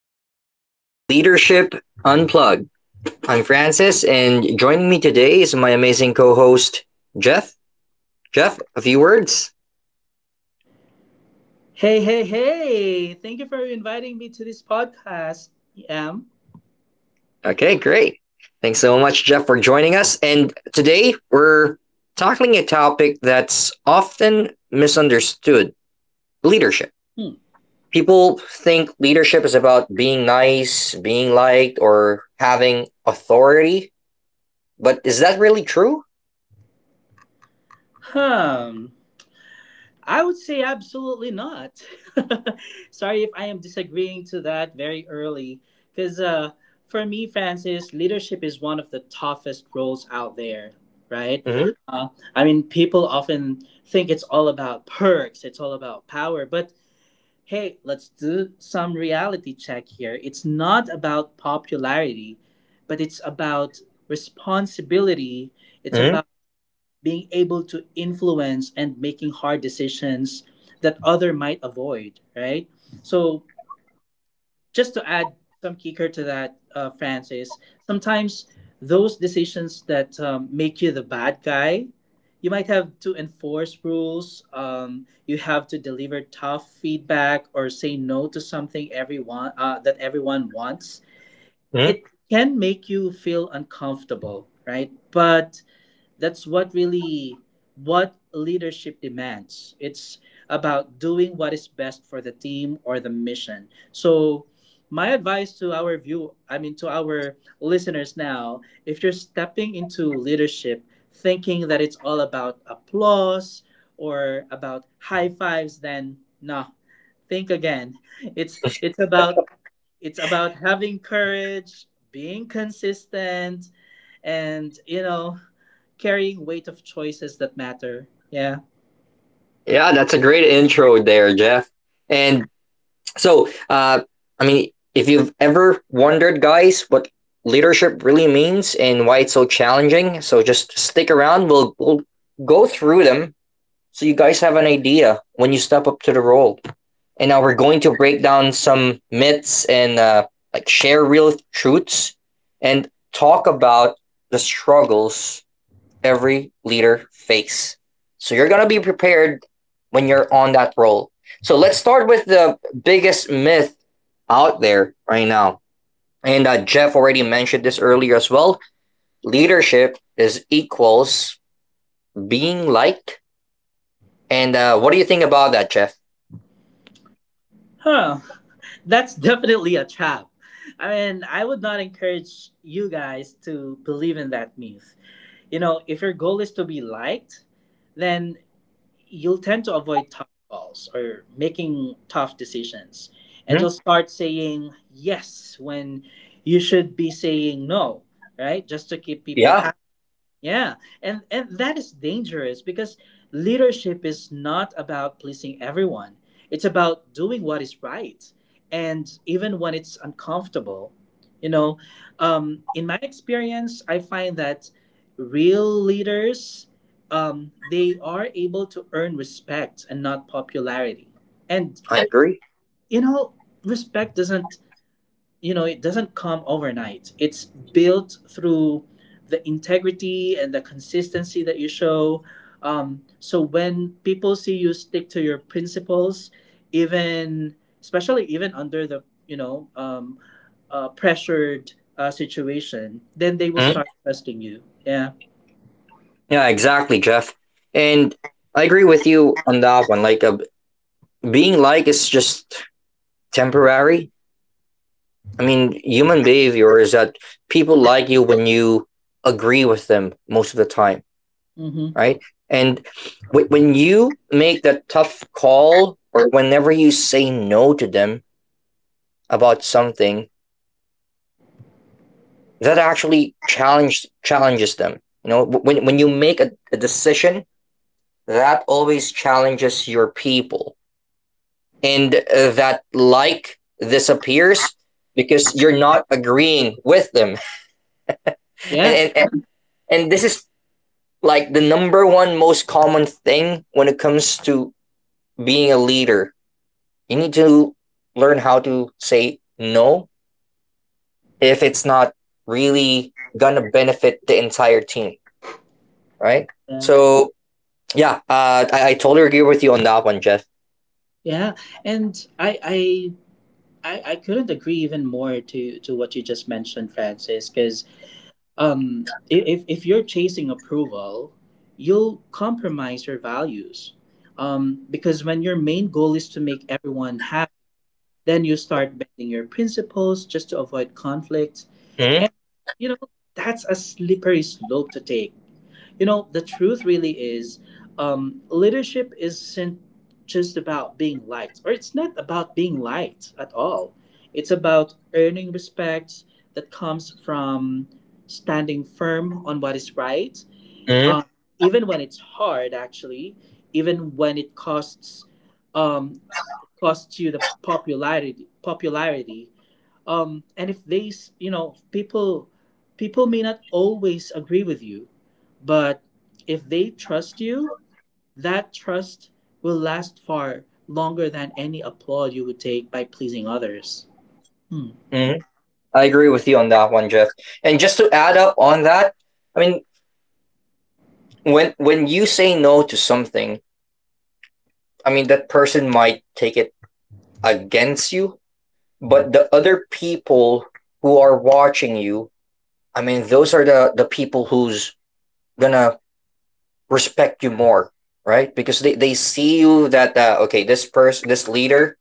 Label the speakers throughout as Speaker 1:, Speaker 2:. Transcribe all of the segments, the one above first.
Speaker 1: everyone, to Leadership Unplugged. I'm Francis, and joining me today is my amazing co host, Jeff. Jeff, a few words.
Speaker 2: Hey, hey, hey! Thank you for inviting me to this podcast, Em.
Speaker 1: Okay, great. Thanks so much, Jeff, for joining us. And today we're tackling a topic that's often misunderstood leadership.
Speaker 2: Hmm.
Speaker 1: People think leadership is about being nice, being liked, or having authority. But is that really true?
Speaker 2: Hmm. I would say absolutely not. Sorry if I am disagreeing to that very early, because for me, Francis, leadership is one of the toughest roles out there, right?
Speaker 1: Mm-hmm.
Speaker 2: Uh, I mean, people often think it's all about perks, it's all about power, but hey, let's do some reality check here. It's not about popularity, but it's about responsibility. It's
Speaker 1: Mm-hmm.
Speaker 2: about being able to influence and making hard decisions that other might avoid, right? So just to add some kicker to that, Francis, sometimes those decisions that make you the bad guy, you might have to enforce rules. You have to deliver tough feedback or say no to something everyone that everyone wants.
Speaker 1: Mm-hmm.
Speaker 2: It can make you feel uncomfortable, right? But that's what really what leadership demands. It's about doing what is best for the team or the mission. So my advice to our view I mean to our listeners now, if you're stepping into leadership thinking that it's all about applause or about high fives, then no, think again. It's about it's about having courage, being consistent, and you know, carrying weight of choices that matter, yeah.
Speaker 1: Yeah, that's a great intro there, Jeff. And so, I mean, if you've ever wondered, guys, what leadership really means and why it's so challenging, so just stick around. We'll go through them so you guys have an idea when you step up to the role. And now we're going to break down some myths and like share real truths and talk about the struggles every leader face. So you're going to be prepared when you're on that role. So let's start with the biggest myth out there right now. And Jeff already mentioned this earlier as well. Leadership is equals being liked. And what do you think about that, Jeff?
Speaker 2: Huh, that's definitely a trap. I mean, I would not encourage you guys to believe in that myth. You know, if your goal is to be liked, then you'll tend to avoid tough calls or making tough decisions, and
Speaker 1: Mm-hmm.
Speaker 2: you'll start saying yes when you should be saying no, right? Just to keep people
Speaker 1: Yeah,
Speaker 2: happy. Yeah, and that is dangerous because leadership is not about pleasing everyone. It's about doing what is right, and even when it's uncomfortable, you know. In my experience, I find that real leaders they are able to earn respect and not popularity. And
Speaker 1: I agree.
Speaker 2: you know, respect doesn't, you know, it doesn't come overnight. It's built through the integrity and the consistency that you show. Um, so when people see you stick to your principles, even, especially even under the, you know, pressured situation, then they will
Speaker 1: Mm-hmm.
Speaker 2: start trusting you, yeah.
Speaker 1: Yeah, exactly, Jeff. And I agree with you on that one. Being liked is just temporary. I mean, human behavior is that people like you when you agree with them most of the time,
Speaker 2: Mm-hmm.
Speaker 1: right? And when you make that tough call or whenever you say no to them about something, that actually challenges them. You know, when you make a decision, that always challenges your people, and that like disappears because you're not agreeing with them, and
Speaker 2: Yeah,
Speaker 1: and, and, and this is like the number one most common thing when it comes to being a leader. You need to learn how to say no if it's not really gonna benefit the entire team, right?
Speaker 2: yeah,
Speaker 1: So yeah, I totally agree with you on that one, Jeff.
Speaker 2: yeah. And I couldn't agree even more to what you just mentioned, Francis, because if you're chasing approval, you'll compromise your values. Um, because when your main goal is to make everyone happy, then you start bending your principles just to avoid conflict.
Speaker 1: Mm-hmm.
Speaker 2: And, you know, that's a slippery slope to take. You know, the truth really is, leadership isn't just about being liked, or it's not about being liked at all. It's about earning respect that comes from standing firm on what is right,
Speaker 1: Mm-hmm.
Speaker 2: um, even when it's hard, actually, even when it costs, um, costs you the popularity. Um, and if they, you know, people may not always agree with you, but if they trust you, that trust will last far longer than any applaud you would take by pleasing others. Hmm.
Speaker 1: Mm-hmm. I agree with you on that one, Jeff. And just to add up on that, I mean, when you say no to something, I mean, that person might take it against you, but the other people who are watching you, I mean, those are the people who's gonna respect you more, right? Because they see you that, okay, this person, this leader,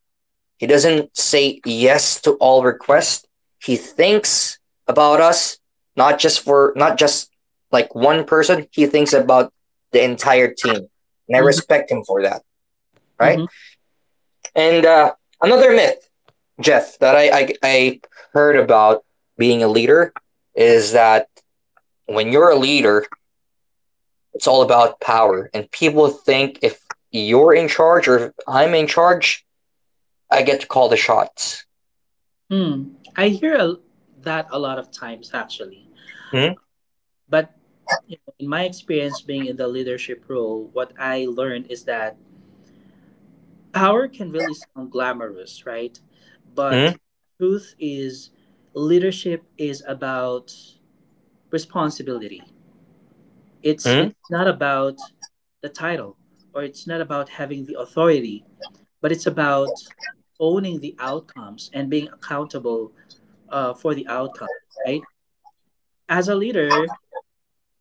Speaker 1: he doesn't say yes to all requests. He thinks about us, not just like one person. He thinks about the entire team, and I
Speaker 2: Hmm.
Speaker 1: respect him for that, right?
Speaker 2: Hmm.
Speaker 1: and Another myth, Jeff, that I heard about being a leader is that when you're a leader, it's all about power, and people think if you're in charge or if I'm in charge, I get to call the shots.
Speaker 2: Hmm i hear a, that a lot of times actually.
Speaker 1: Mm.
Speaker 2: But you know, in my experience being in the leadership role, what I learned is that power can really sound glamorous, right? But
Speaker 1: Mm.
Speaker 2: truth is, leadership is about responsibility. It's
Speaker 1: Mm.
Speaker 2: it's not about the title, or it's not about having the authority, but it's about owning the outcomes and being accountable for the outcome, right? As a leader,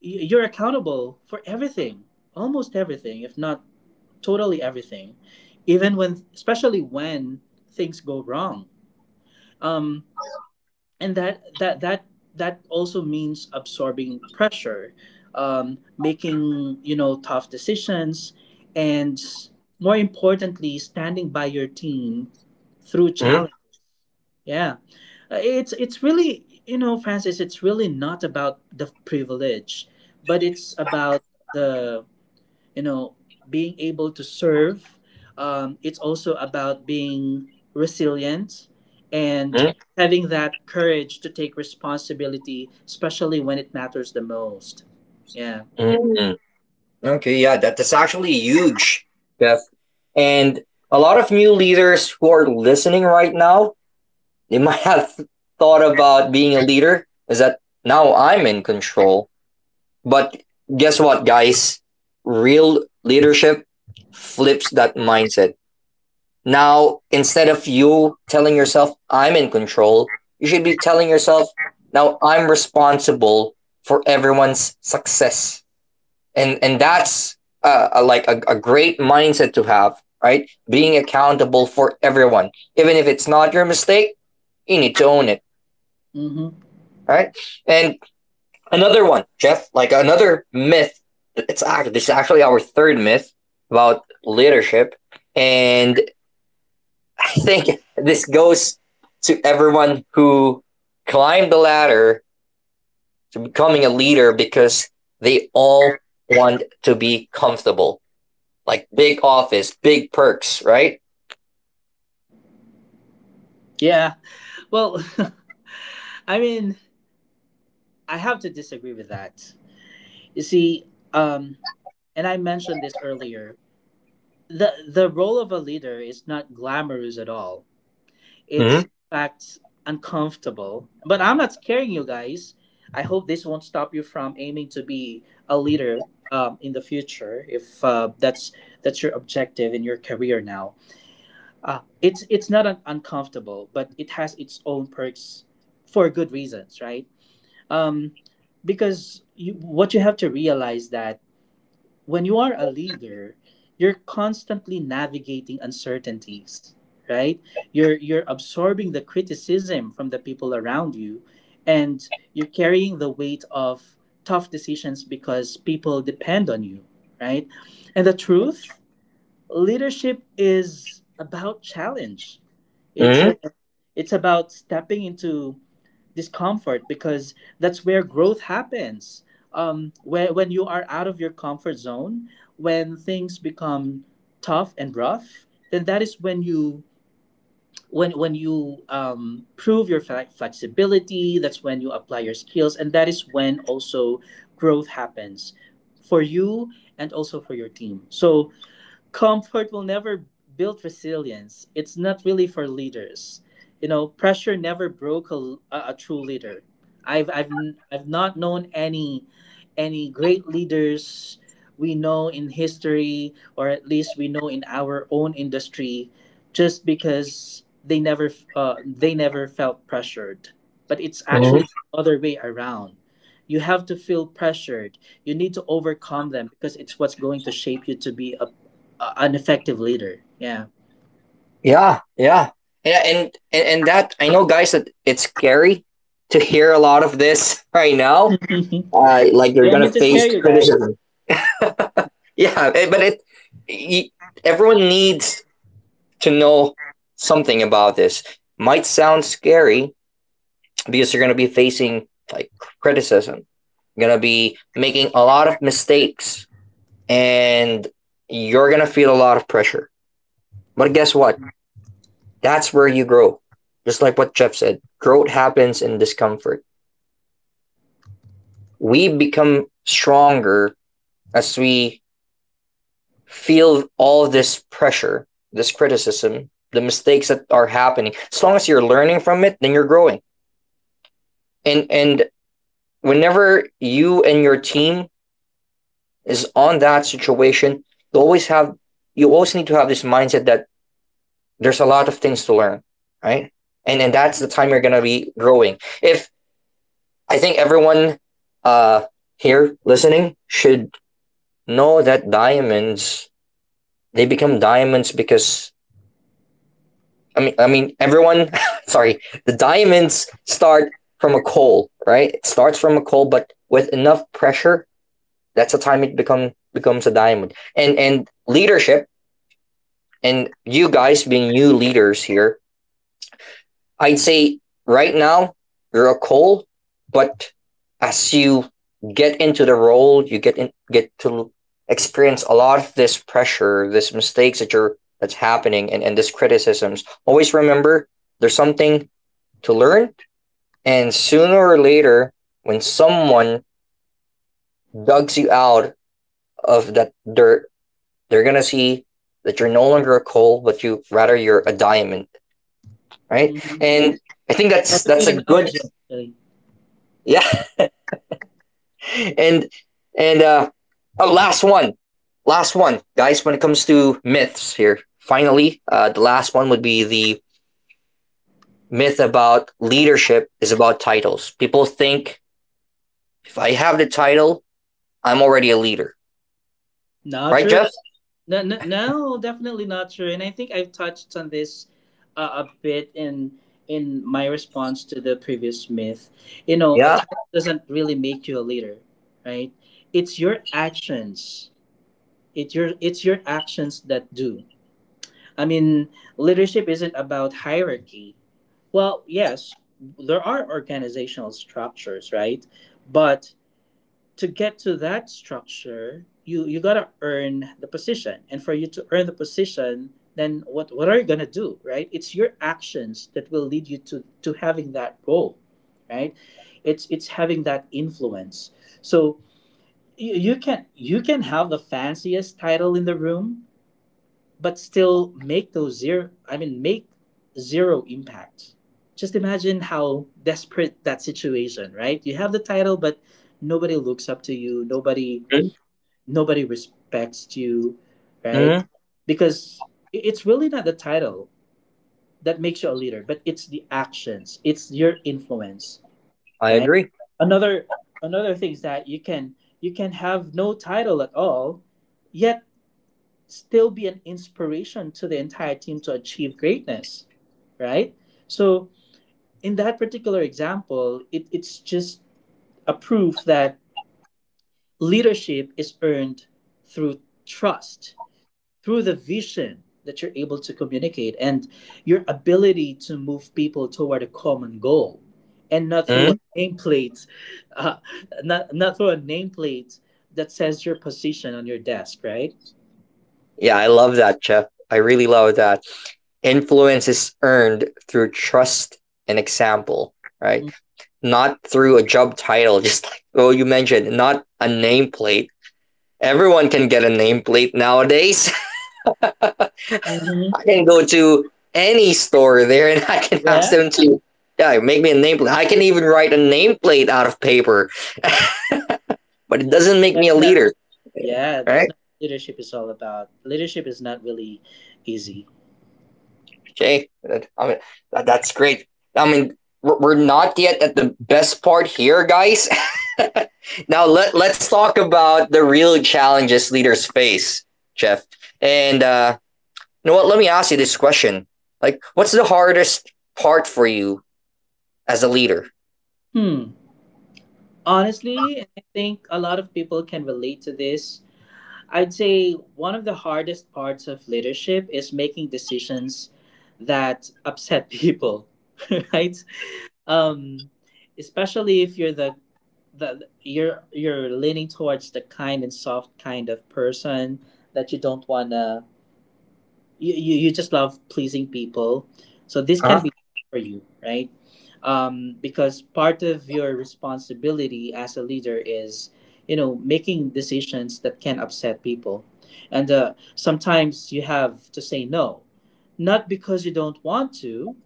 Speaker 2: you're accountable for everything, almost everything, if not totally everything, even when, especially when things go wrong. Um, and that also means absorbing pressure, making, you know, tough decisions, and more importantly, standing by your team through
Speaker 1: Mm.
Speaker 2: challenge, yeah. It's really, you know, Francis, it's really not about the privilege, but it's about the, you know, being able to serve. Um, it's also about being resilient, and
Speaker 1: Mm.
Speaker 2: having that courage to take responsibility, especially when it matters the most, yeah.
Speaker 1: Mm. Okay, yeah, that's actually huge, Jeff. And a lot of new leaders who are listening right now, they might have thought about being a leader. Is that now I'm in control? But guess what, guys? Real leadership flips that mindset. Now, instead of you telling yourself, I'm in control, you should be telling yourself, now I'm responsible for everyone's success. And that's like a great mindset to have, right? Being accountable for everyone. Even if it's not your mistake, you need to own it,
Speaker 2: Hmm.
Speaker 1: right? And another one, Jeff. Like another myth. It's act. This is actually our third myth about leadership, and I think this goes to everyone who climbed the ladder to becoming a leader because they all want to be comfortable. Like big office, big perks, right?
Speaker 2: Yeah. Well, I mean, I have to disagree with that. You see, um, and I mentioned this earlier, the role of a leader is not glamorous at all. It's
Speaker 1: Mm-hmm.
Speaker 2: in fact uncomfortable. But I'm not scaring you guys. I hope this won't stop you from aiming to be a leader in the future, if that's your objective in your career now. It's it's not uncomfortable, but it has its own perks for good reasons, right? Um, because you, what you have to realize, that when you are a leader, you're constantly navigating uncertainties, right? You're absorbing the criticism from the people around you, and you're carrying the weight of tough decisions because people depend on you, right? And the truth, leadership is about challenge. It's
Speaker 1: Mm-hmm.
Speaker 2: a, it's about stepping into discomfort because that's where growth happens. When you are out of your comfort zone, when things become tough and rough, then that is when you, when you prove your flexibility. That's when you apply your skills, and that is when also growth happens for you and also for your team. So comfort will never build resilience. It's not really for leaders. You know, pressure never broke a true leader. I've I've not known any great leaders we know in history, or at least we know in our own industry, just because they never felt pressured. But it's actually
Speaker 1: Mm-hmm.
Speaker 2: the other way around. You have to feel pressured. You need to overcome them because it's what's going to shape you to be a an effective leader. Yeah.
Speaker 1: Yeah, yeah. And that I know, guys, that it's scary to hear a lot of this right now, like you're
Speaker 2: You want
Speaker 1: going
Speaker 2: me
Speaker 1: to
Speaker 2: to scare
Speaker 1: face
Speaker 2: you guys?
Speaker 1: criticism. Yeah, eh, but it, y everyone needs to know something about this. Might sound scary because you're going to be facing like criticism. You're going to be making a lot of mistakes, and you're going to feel a lot of pressure. But guess what? That's where you grow. Just like what Jeff said, growth happens in discomfort. We become stronger as we feel all this pressure, this criticism, the mistakes that are happening. As long as you're learning from it, then you're growing. And whenever you and your team is on that situation, you always have you always need to have this mindset that there's a lot of things to learn, right? And that's the time you're gonna be growing. If I think everyone uh here listening should know that diamonds, they become diamonds because everyone. Sorry, the diamonds start from a coal, right? It starts from a coal, but with enough pressure, that's the time it becomes a diamond. And leadership, and you guys being new leaders here, I'd say right now you're a coal, but as you get into the role, you get in, get to experience a lot of this pressure, this mistakes that you're that's happening, and this criticisms. Always remember, there's something to learn. And sooner or later, when someone digs you out of that dirt, they're gonna see that you're no longer a coal, but you're a diamond, right?
Speaker 2: Mhm.
Speaker 1: And I think
Speaker 2: That's a good
Speaker 1: that's a good
Speaker 2: analogy, actually.
Speaker 1: yeah. And and oh, last one, last one, guys. When it comes to myths here, finally, the last one would be the myth about leadership is about titles. People think if I have the title, I'm already a leader,
Speaker 2: Not
Speaker 1: right,
Speaker 2: true.
Speaker 1: Jeff?
Speaker 2: No, no, no, definitely not true. And I think I've touched on this a bit in my response to the previous myth. You know, a
Speaker 1: Yeah.
Speaker 2: title doesn't really make you a leader, right? It's your actions. It's your actions that do. I mean, leadership isn't about hierarchy. Well, yes, there are organizational structures, right? But to get to that structure, you gotta earn the position, and for you to earn the position, then what are you gonna do, right? It's your actions that will lead you to having that role, right? It's having that influence. So you, you can have the fanciest title in the room, but still make those zero I mean make zero impact. Just imagine how desperate that situation, right? You have the title but nobody looks up to you, nobody,
Speaker 1: Mm.
Speaker 2: nobody respects you, right?
Speaker 1: Mm.
Speaker 2: Because it's really not the title that makes you a leader, but it's the actions, it's your influence,
Speaker 1: I
Speaker 2: right?
Speaker 1: agree.
Speaker 2: Another, another thing is that you can have no title at all yet still be an inspiration to the entire team to achieve greatness, right? So, in that particular example, it's just a proof that leadership is earned through trust, through the vision that you're able to communicate, and your ability to move people toward a common goal, and not through
Speaker 1: Mm.
Speaker 2: a nameplate, uh, not through a nameplate that says your position on your desk, right?
Speaker 1: Yeah, I love that, Jeff. I really love that. Influence is earned through trust and example, right? Not through a job title. Just like oh you mentioned, not a nameplate. Everyone can get a nameplate nowadays.
Speaker 2: Mhm.
Speaker 1: I can go to any store there and I can ask
Speaker 2: yeah
Speaker 1: them to, yeah, make me a nameplate. I can even write a nameplate out of paper, but it doesn't make me a
Speaker 2: that's not
Speaker 1: leader,
Speaker 2: Yeah, that's
Speaker 1: right?
Speaker 2: not what leadership is all about. Leadership is not really easy.
Speaker 1: Okay, I mean that's great. I mean, we're not yet at the best part here, guys. Now let let's talk about the real challenges leaders face, Jeff. And you know what? Let me ask you this question: like, what's the hardest part for you as a leader?
Speaker 2: Hmm. Honestly, and I think a lot of people can relate to this. I'd say one of the hardest parts of leadership is making decisions that upset people, right? Um, especially if you're the you're leaning towards the kind and soft kind of person, that you don't wanna you just love pleasing people. So this can
Speaker 1: Huh?
Speaker 2: be for you, right? Because part of your responsibility as a leader is, you know, making decisions that can upset people. And sometimes you have to say no, not because you don't want to,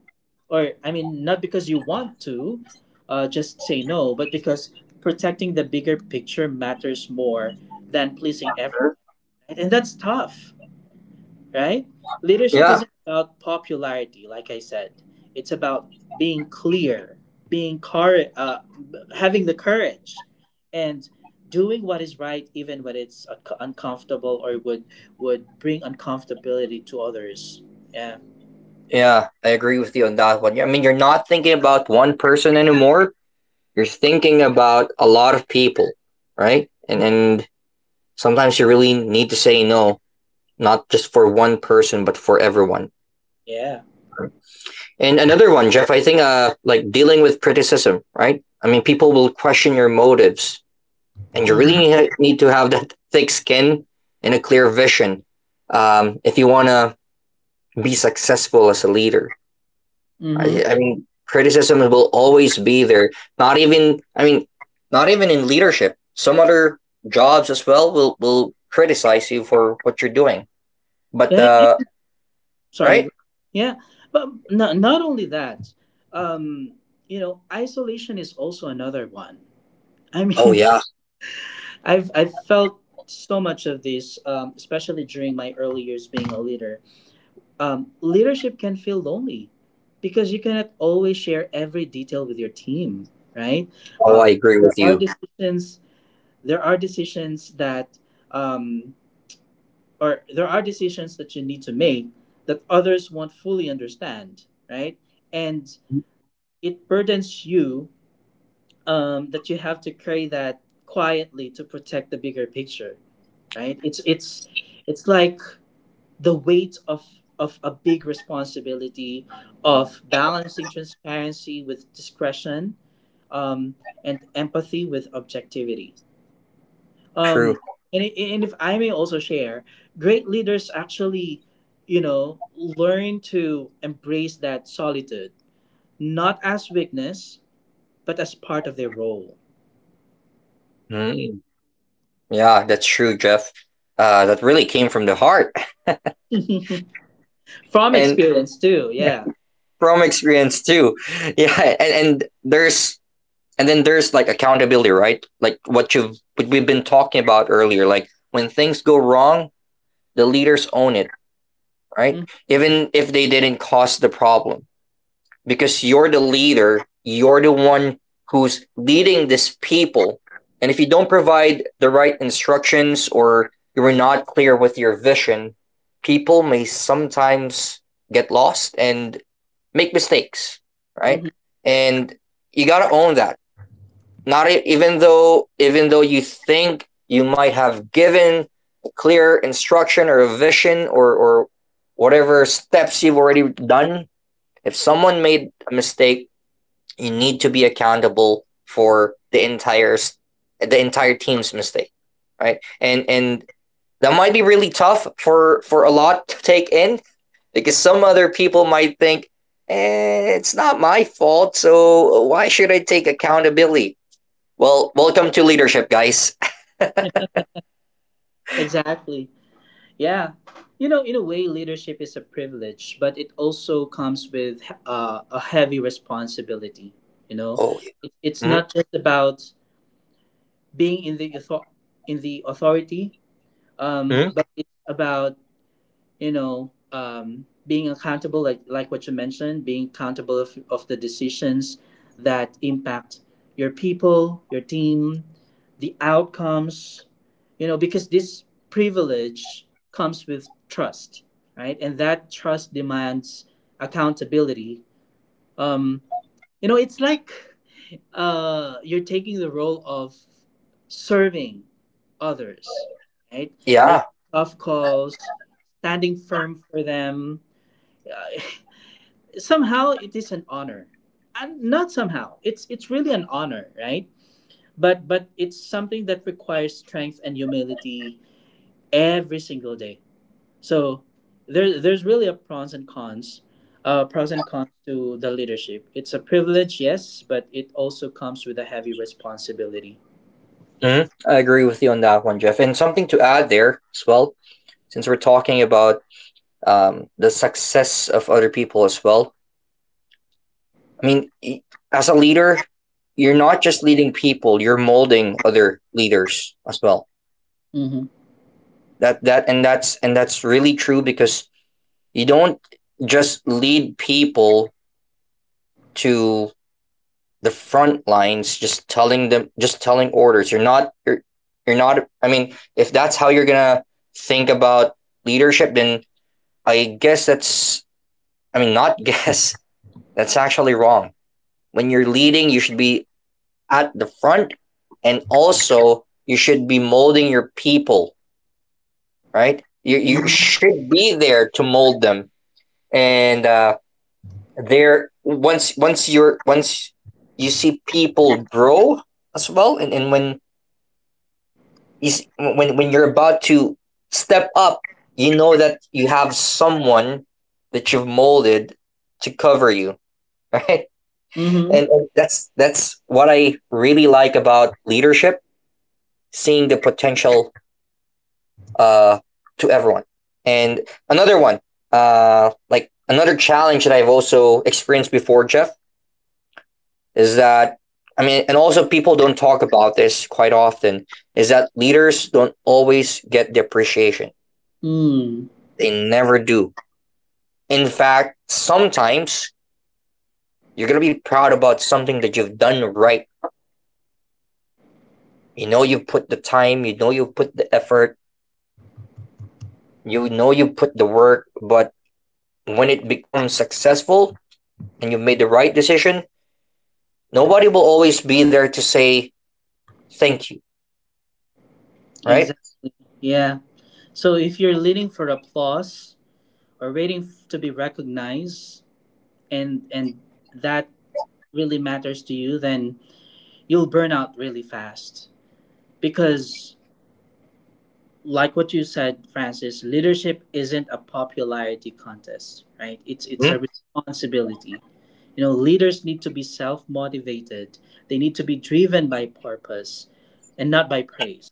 Speaker 2: or I mean, not because you want to, just say no, but because protecting the bigger picture matters more than pleasing everyone, right? And that's tough, right? Leadership
Speaker 1: Yeah.
Speaker 2: isn't about popularity, like I said. It's about being clear, being cour- uh, having the courage, and doing what is right, even when it's uncomfortable, or would bring uncomfortability to others. Yeah,
Speaker 1: Yeah, I agree with you on that one. I mean, you're not thinking about one person anymore. You're thinking about a lot of people, right? And sometimes you really need to say no, not just for one person but for everyone.
Speaker 2: yeah.
Speaker 1: And another one, Jeff, I think like dealing with criticism, right? I mean, people will question your motives, and you
Speaker 2: Mm-hmm.
Speaker 1: really need to have that thick skin and a clear vision, if you want to be successful as a leader.
Speaker 2: Mm-hmm.
Speaker 1: I mean, criticism will always be there. not even i mean Not even in leadership, some other jobs as well will criticize you for what you're doing, but
Speaker 2: Yeah,
Speaker 1: uh
Speaker 2: yeah. Sorry.
Speaker 1: right.
Speaker 2: Yeah, but not not only that. Um, you know, isolation is also another one. I
Speaker 1: Oh
Speaker 2: mean,
Speaker 1: yeah.
Speaker 2: I've felt so much of this, especially during my early years being a leader. Leadership can feel lonely because you cannot always share every detail with your team, right?
Speaker 1: Oh
Speaker 2: Uh,
Speaker 1: I agree
Speaker 2: there
Speaker 1: with
Speaker 2: are
Speaker 1: you.
Speaker 2: decisions. There are decisions that, um, or there are decisions that you need to make that others won't fully understand, right? And it burdens you that you have to carry that quietly to protect the bigger picture, right? It's it's like the weight of a big responsibility of balancing transparency with discretion, um, and empathy with objectivity. um,
Speaker 1: True.
Speaker 2: and if I may also share, great leaders actually, learn to embrace that solitude, not as weakness but as part of their role.
Speaker 1: Mm, yeah, that's true, Jeff. That really came from the heart,
Speaker 2: From
Speaker 1: and
Speaker 2: experience too, yeah.
Speaker 1: from experience too. Yeah, and then there's like accountability, right? Like what we've been talking about earlier. Like when things go wrong, the leaders own it, right?
Speaker 2: Mhm,
Speaker 1: Even if they didn't cause the problem. Because you're the leader, you're the one who's leading these people. And if you don't provide the right instructions or you're not clear with your vision, people may sometimes get lost and make mistakes, right?
Speaker 2: mhm.
Speaker 1: And you got to own that. Not e- even though Even though you think you might have given clear instruction or a vision or whatever steps you've already done, if someone made a mistake, you need to be accountable for the entire team's mistake, right? And that might be really tough for a lot to take in, because some other people might think, eh, it's not my fault, so why should I take accountability? Well, welcome to leadership, guys.
Speaker 2: Yeah, exactly. Yeah. You know, in a way, leadership is a privilege, but it also comes with a heavy responsibility. You know,
Speaker 1: Oh.
Speaker 2: it's
Speaker 1: Mm.
Speaker 2: not just about being in the in the authority,
Speaker 1: Mm.
Speaker 2: but it's about, being accountable, like what you mentioned, being accountable of, the decisions that impact your people, your team, the outcomes, you know, because this privilege comes with trust, right? And that trust demands accountability. um you know, it's like, you're taking the role of serving others, right?
Speaker 1: Yeah.
Speaker 2: Making tough calls, standing firm for them. Uh, somehow it is an honor, and not somehow, it's really an honor, right? But it's something that requires strength and humility every single day. So there's really a pros and cons to the leadership. It's a privilege, yes, but it also comes with a heavy responsibility.
Speaker 1: Mm, I agree with you on that one, Jeff. And something to add there as well, since we're talking about the success of other people as well. I mean, as a leader, you're not just leading people; you're molding other leaders as well.
Speaker 2: Mm-hmm.
Speaker 1: That that and that's really true because you don't just lead people to the front lines, just telling them, just telling orders. You're not you're, you're not. I mean, if that's how you're gonna think about leadership, then I guess that's. I mean, not guess. That's actually wrong. When you're leading, you should be at the front, and also you should be molding your people, right? You should be there to mold them, and there once once you're once you see people grow as well. And when when you're about to step up, you know that you have someone that you've molded to cover you. Right.
Speaker 2: Mm-hmm.
Speaker 1: And that's what I really like about leadership, seeing the potential uh, to everyone. And another one, like another challenge that I've also experienced before, Jeff, is that, and also people don't talk about this quite often, is that leaders don't always get the appreciation.
Speaker 2: Mm.
Speaker 1: They never do. In fact, sometimes you're gonna be proud about something that you've done, right. You know you've put the time, you know you've put the effort, you know you put the work, but when it becomes successful and you've made the right decision, nobody will always be there to say thank you, right?
Speaker 2: Exactly. Yeah. So if you're leading for applause or waiting to be recognized, and that really matters to you, then you'll burn out really fast. Because, like what you said, Francis, leadership isn't a popularity contest, right? It's
Speaker 1: Mm.
Speaker 2: a responsibility. You know, leaders need to be self motivated. They need to be driven by purpose, and not by praise.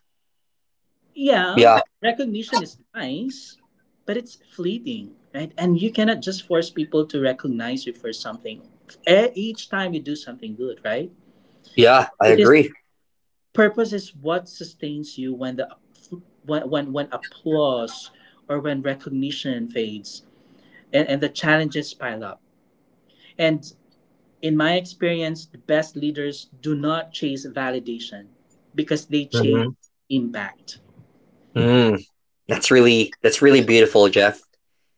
Speaker 2: Yeah,
Speaker 1: Yeah,
Speaker 2: recognition is nice, but it's fleeting, right? And you cannot just force people to recognize you for something. Each time you do something good, right?
Speaker 1: yeah, I
Speaker 2: It is,
Speaker 1: agree.
Speaker 2: purpose is what sustains you when the when when applause or when recognition fades, and the challenges pile up. And in my experience, the best leaders do not chase validation because they chase
Speaker 1: Mm-hmm.
Speaker 2: impact.
Speaker 1: Mm, that's really beautiful, Jeff.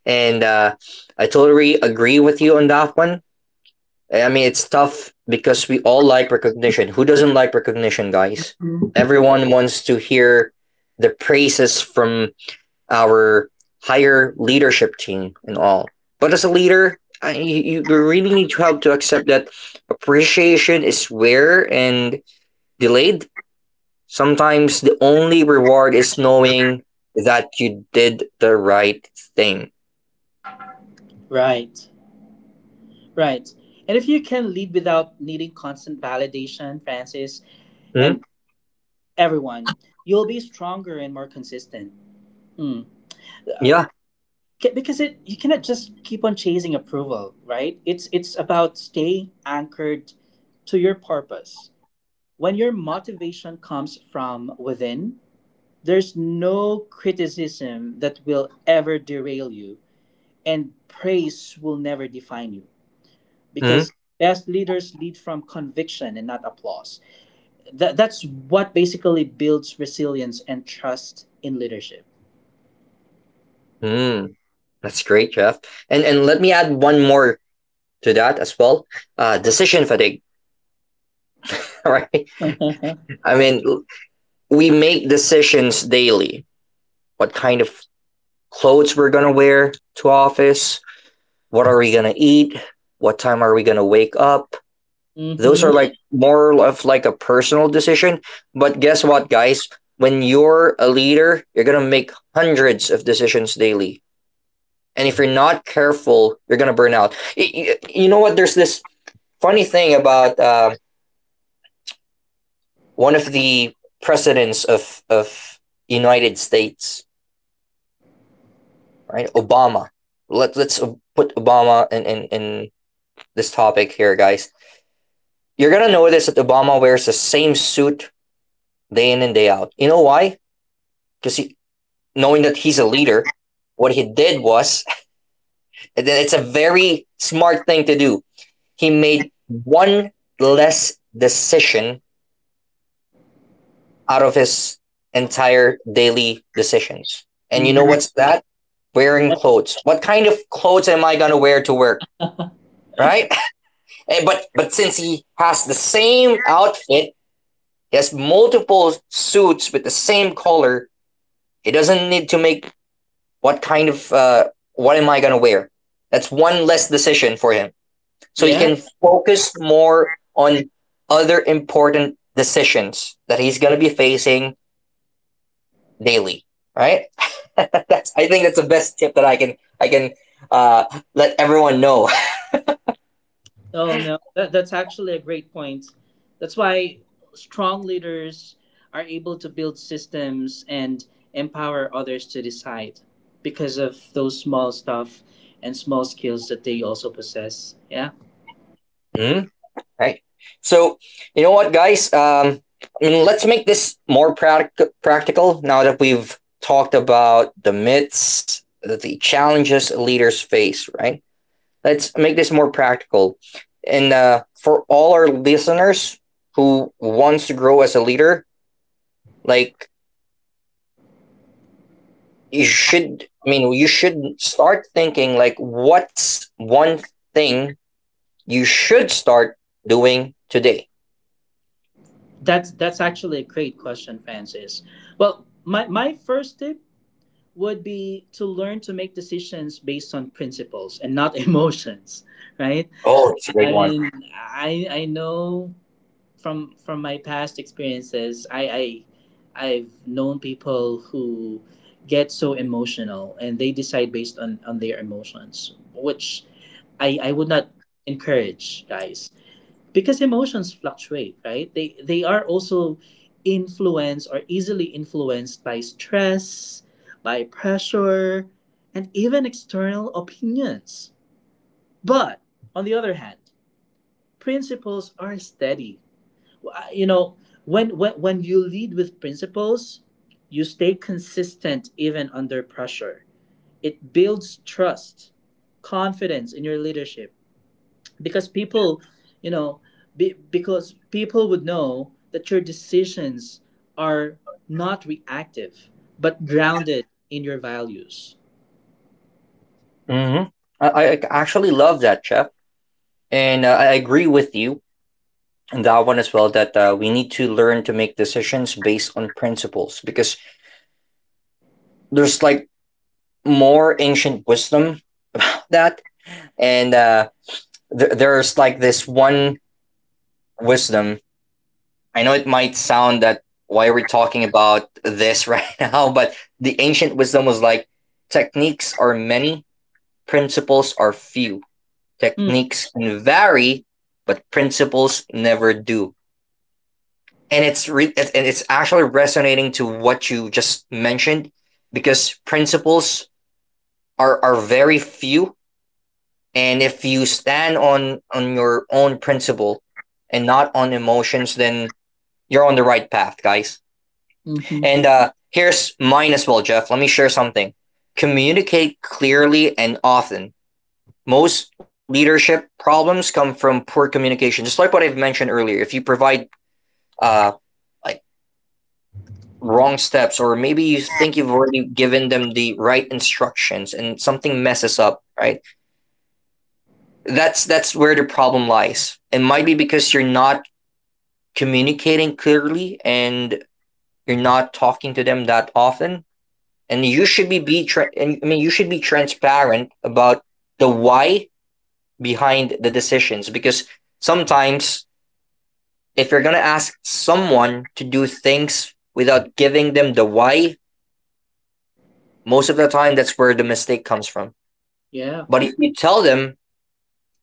Speaker 1: And I totally agree with you on that one. I mean, it's tough because we all like recognition. Who doesn't like recognition, guys? Everyone wants to hear the praises from our higher leadership team and all. But as a leader, you really need to have to accept that appreciation is rare and delayed. Sometimes the only reward is knowing that you did the right thing.
Speaker 2: Right. Right. And if you can lead without needing constant validation, Francis,
Speaker 1: Mm?
Speaker 2: and everyone, you'll be stronger and more consistent. Mm.
Speaker 1: Yeah.
Speaker 2: Because it, you cannot just keep on chasing approval, right? It's about staying anchored to your purpose. When your motivation comes from within, there's no criticism that will ever derail you, and praise will never define you, because
Speaker 1: Mm?
Speaker 2: best leaders lead from conviction and not applause. That's what basically builds resilience and trust in leadership.
Speaker 1: Mm. That's great, Jeff. And let me add one more to that as well. Decision fatigue. Right. I mean, we make decisions daily. What kind of clothes we're going to wear to office, what are we going to eat, what time are we going to wake up. Those
Speaker 2: Mm-hmm.
Speaker 1: are like more of like a personal decision, but guess what guys, when you're a leader, you're going to make hundreds of decisions daily. And if you're not careful, you're going to burn out. You know what, there's this funny thing about one of the presidents of United States, right? Obama. Let's put Obama in this topic here, guys. You're gonna notice that Obama wears the same suit day in and day out. You know why? Because knowing that he's a leader, what he did was, it's a very smart thing to do. He made one less decision out of his entire daily decisions. And you know
Speaker 2: Mm-hmm.
Speaker 1: what's that? Wearing clothes. What kind of clothes am I gonna wear to work? Right? But since he has the same outfit, he has multiple suits with the same color. He doesn't need to make what kind of what am I gonna wear. That's one less decision for him, so he
Speaker 2: Yeah.
Speaker 1: can focus more on other important decisions that he's gonna be facing daily. Right? that's I think that's the best tip that I can uh, let everyone know.
Speaker 2: Oh no, that, that's actually a great point. That's why strong leaders are able to build systems and empower others to decide because of those small stuff and small skills that they also possess. Yeah.
Speaker 1: Mm. Right? So you know what, guys? I mean, let's make this more practical. Now that we've talked about the myths, the challenges leaders face, right? Let's make this more practical. And for all our listeners who wants to grow as a leader, like you should, I mean, you should start thinking like, what's one thing you should start doing today?
Speaker 2: That's actually a great question, Francis. Well, my first tip would be to learn to make decisions based on principles and not emotions, right?
Speaker 1: Oh, it's a great
Speaker 2: I
Speaker 1: one.
Speaker 2: mean, I know from my past experiences, I've known people who get so emotional, and they decide based on their emotions, which I would not encourage, guys, because emotions fluctuate, right? They are also influenced, or easily influenced by stress, by pressure, and even external opinions. But on the other hand, principles are steady. You know, when when you lead with principles, you stay consistent even under pressure. It builds trust, confidence in your leadership, because people, you know, because people would know that your decisions are not reactive but grounded in your values.
Speaker 1: Mm-hmm. I actually love that, Chef. And I agree with you on that one as well that we need to learn to make decisions based on principles, because there's like more ancient wisdom about that. And there's like this one wisdom. I know it might sound that why are we talking about this right now, but the ancient wisdom was like techniques are many, principles are few. Techniques can vary, but principles never do. And it's actually resonating to what you just mentioned, because principles are very few, and if you stand on your own principle and not on emotions, then you're on the right path, guys.
Speaker 2: Mm-hmm.
Speaker 1: And here's mine as well, Jeff. Let me share something. Communicate clearly and often. Most leadership problems come from poor communication. Just like what I've mentioned earlier, if you provide uh like wrong steps, or maybe you think you've already given them the right instructions and something messes up, right? That's where the problem lies. It might be because you're not communicating clearly and you're not talking to them that often, and you should be tra- and, I mean you should be transparent about the why behind the decisions, because sometimes if you're going to ask someone to do things without giving them the why, most of the time that's where the mistake comes from.
Speaker 2: Yeah.
Speaker 1: But if you tell them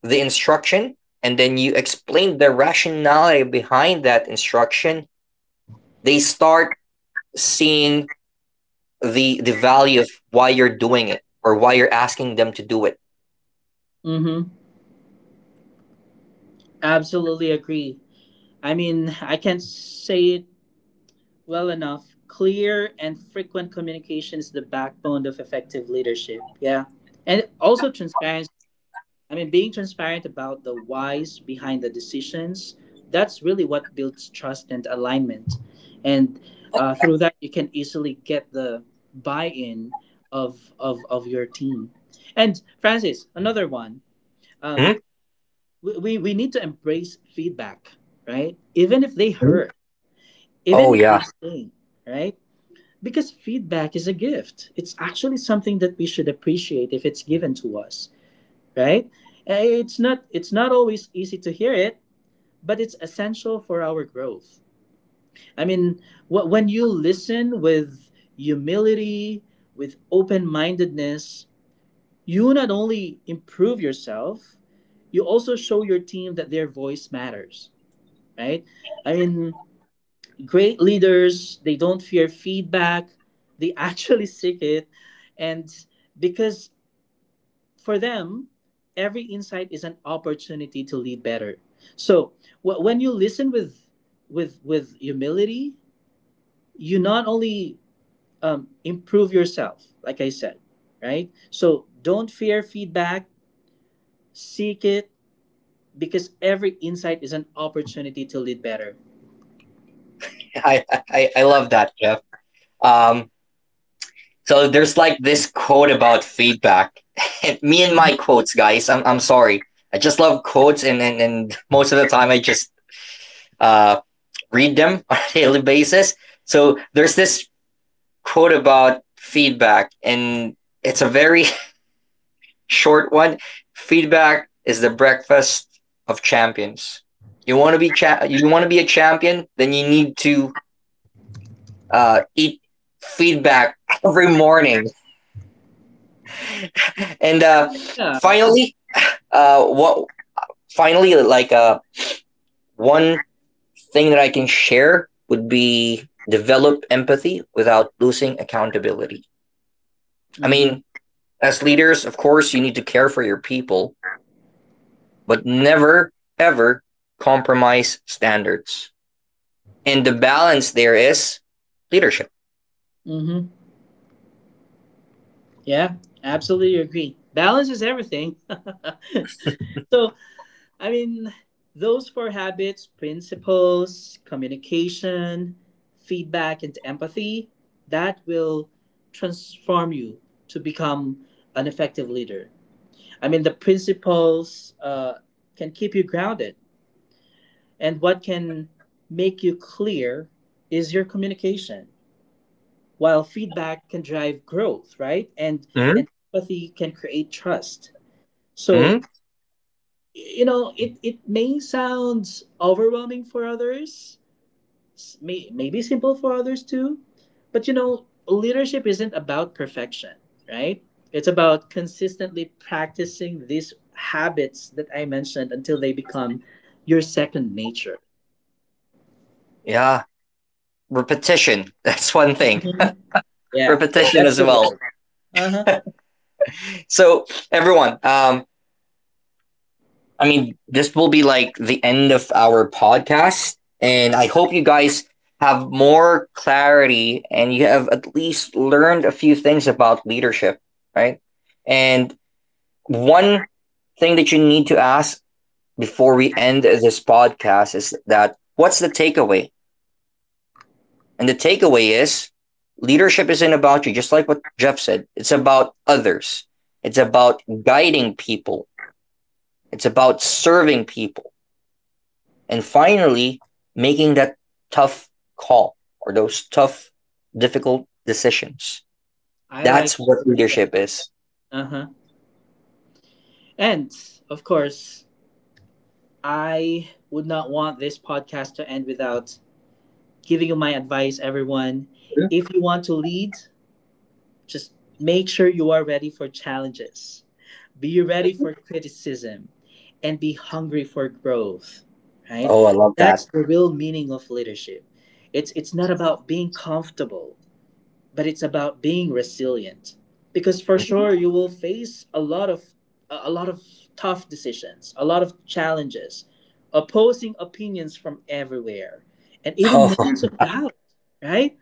Speaker 1: the instruction and then you explain the rationality behind that instruction, they start seeing the value of why you're doing it or why you're asking them to do it.
Speaker 2: Mm-hmm. Absolutely agree. I mean, I can't say it well enough, clear and frequent communication is the backbone of effective leadership, yeah. And also transparency. I mean, being transparent about the whys behind the decisions, that's really what builds trust and alignment. And through that, you can easily get the buy in of, of your team. And Francis, another one. Um, we need to embrace feedback, right? Even if they
Speaker 1: Mhm.
Speaker 2: hurt,
Speaker 1: Oh
Speaker 2: even if
Speaker 1: yeah,
Speaker 2: they sting, right? Because feedback is a gift. It's actually something that we should appreciate if it's given to us, right? It's not always easy to hear it, but it's essential for our growth. I mean, when you listen with humility, with open-mindedness, you not only improve yourself, you also show your team that their voice matters, right? I mean, great leaders, they don't fear feedback, they actually seek it. And because for them, every insight is an opportunity to lead better. So when you listen with with humility, you not only improve yourself, like I said, right? So don't fear feedback, seek it, because every insight is an opportunity to lead better.
Speaker 1: I love that, Jeff. Um, So there's like this quote about feedback. Me and my
Speaker 2: Mhm.
Speaker 1: quotes, guys. I'm sorry. I just love quotes, and most of the time I just uh read them on a daily basis. So there's this quote about feedback, and it's a very short one. Feedback is the breakfast of champions. You want to you want to be a champion, then you need to eat feedback every morning. And
Speaker 2: Yeah.
Speaker 1: finally, what finally, like one thing that I can share would be develop empathy without losing accountability. I
Speaker 2: Mm-hmm.
Speaker 1: mean, as leaders, of course, you need to care for your people, but never ever compromise standards. And the balance there is leadership.
Speaker 2: Mm-hmm. Yeah. Absolutely agree. Balance is everything. So I mean, those four habits, principles, communication, feedback, and empathy, that will transform you to become an effective leader. I mean, the principles, can keep you grounded, and what can make you clear is your communication, while feedback can drive growth, right?
Speaker 1: Mm-hmm.
Speaker 2: And empathy can create trust.
Speaker 1: Mm-hmm.
Speaker 2: So, you know, it may sound overwhelming for others, may maybe simple for others too, but you know leadership isn't about perfection, right? It's about consistently practicing these habits that I mentioned until they become your second nature.
Speaker 1: Yeah, repetition. That's one thing.
Speaker 2: Mhm. Yeah,
Speaker 1: Repetition
Speaker 2: that's
Speaker 1: as
Speaker 2: the
Speaker 1: well.
Speaker 2: word. Uh-huh.
Speaker 1: So everyone, I mean, this will be like the end of our podcast, and I hope you guys have more clarity and you have at least learned a few things about leadership, right? And one thing that you need to ask before we end this podcast is that what's the takeaway? And the takeaway is leadership isn't about you, just like what Jeff said. It's about others. It's about guiding people. It's about serving people. And finally making that tough call, or those tough difficult decisions.
Speaker 2: I
Speaker 1: That's
Speaker 2: like.
Speaker 1: what leadership is.
Speaker 2: Uh-huh. And of course, I would not want this podcast to end without giving you my advice, everyone.
Speaker 1: Mhm.
Speaker 2: If you want to lead, just make sure you are ready for challenges. Be ready for criticism and be hungry for growth, right?
Speaker 1: Oh, I love that.
Speaker 2: That's the real meaning of leadership. It's not about being comfortable, but it's about being resilient, because for
Speaker 1: Mhm.
Speaker 2: sure you will face a lot of a lot of tough decisions, a lot of challenges, opposing opinions from everywhere, and even
Speaker 1: Oh,
Speaker 2: moments of doubt, right?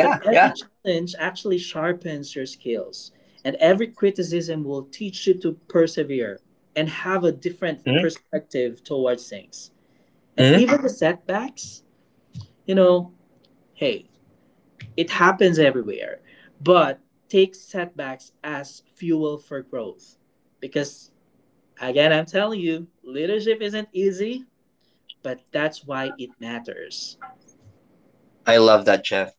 Speaker 2: But every
Speaker 1: yeah.
Speaker 2: challenge actually sharpens your skills, and every criticism will teach you to persevere and have a different
Speaker 1: Mhm.
Speaker 2: perspective towards things, and
Speaker 1: Hmm.
Speaker 2: even the setbacks, you know, hey, it happens everywhere, but take setbacks as fuel for growth. Because, again, I'm telling you, leadership isn't easy, but that's why it matters.
Speaker 1: I love that, Jeff.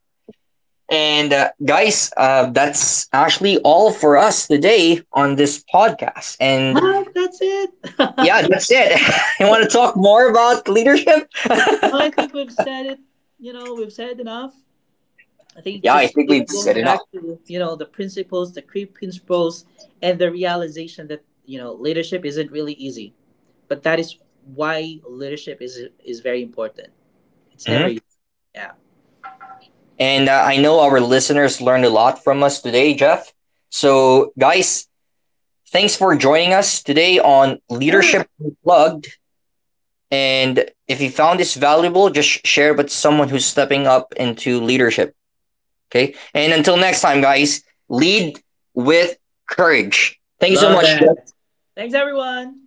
Speaker 1: And guys, that's actually all for us today on this podcast. And
Speaker 2: Ah, that's it.
Speaker 1: yeah, that's it. You want to talk more about leadership?
Speaker 2: Well, I think we've said it, you know, we've said enough. I think
Speaker 1: Yeah, I
Speaker 2: just
Speaker 1: think
Speaker 2: keep
Speaker 1: we've said
Speaker 2: going
Speaker 1: enough.
Speaker 2: back to, you know, the principles, the key principles, and the realization that, you know, leadership isn't really easy. But that is why leadership is very important. It's never
Speaker 1: Mhm.
Speaker 2: easy. Yeah.
Speaker 1: And I know our listeners learned a lot from us today, Jeff. So, guys, thanks for joining us today on
Speaker 2: Ah.
Speaker 1: Leadership Unplugged. And if you found this valuable, just share it with someone who's stepping up into leadership. Okay. And until next time, guys, lead with courage. Thank you so
Speaker 2: Love
Speaker 1: much, Jeff.
Speaker 2: that. Thanks, everyone.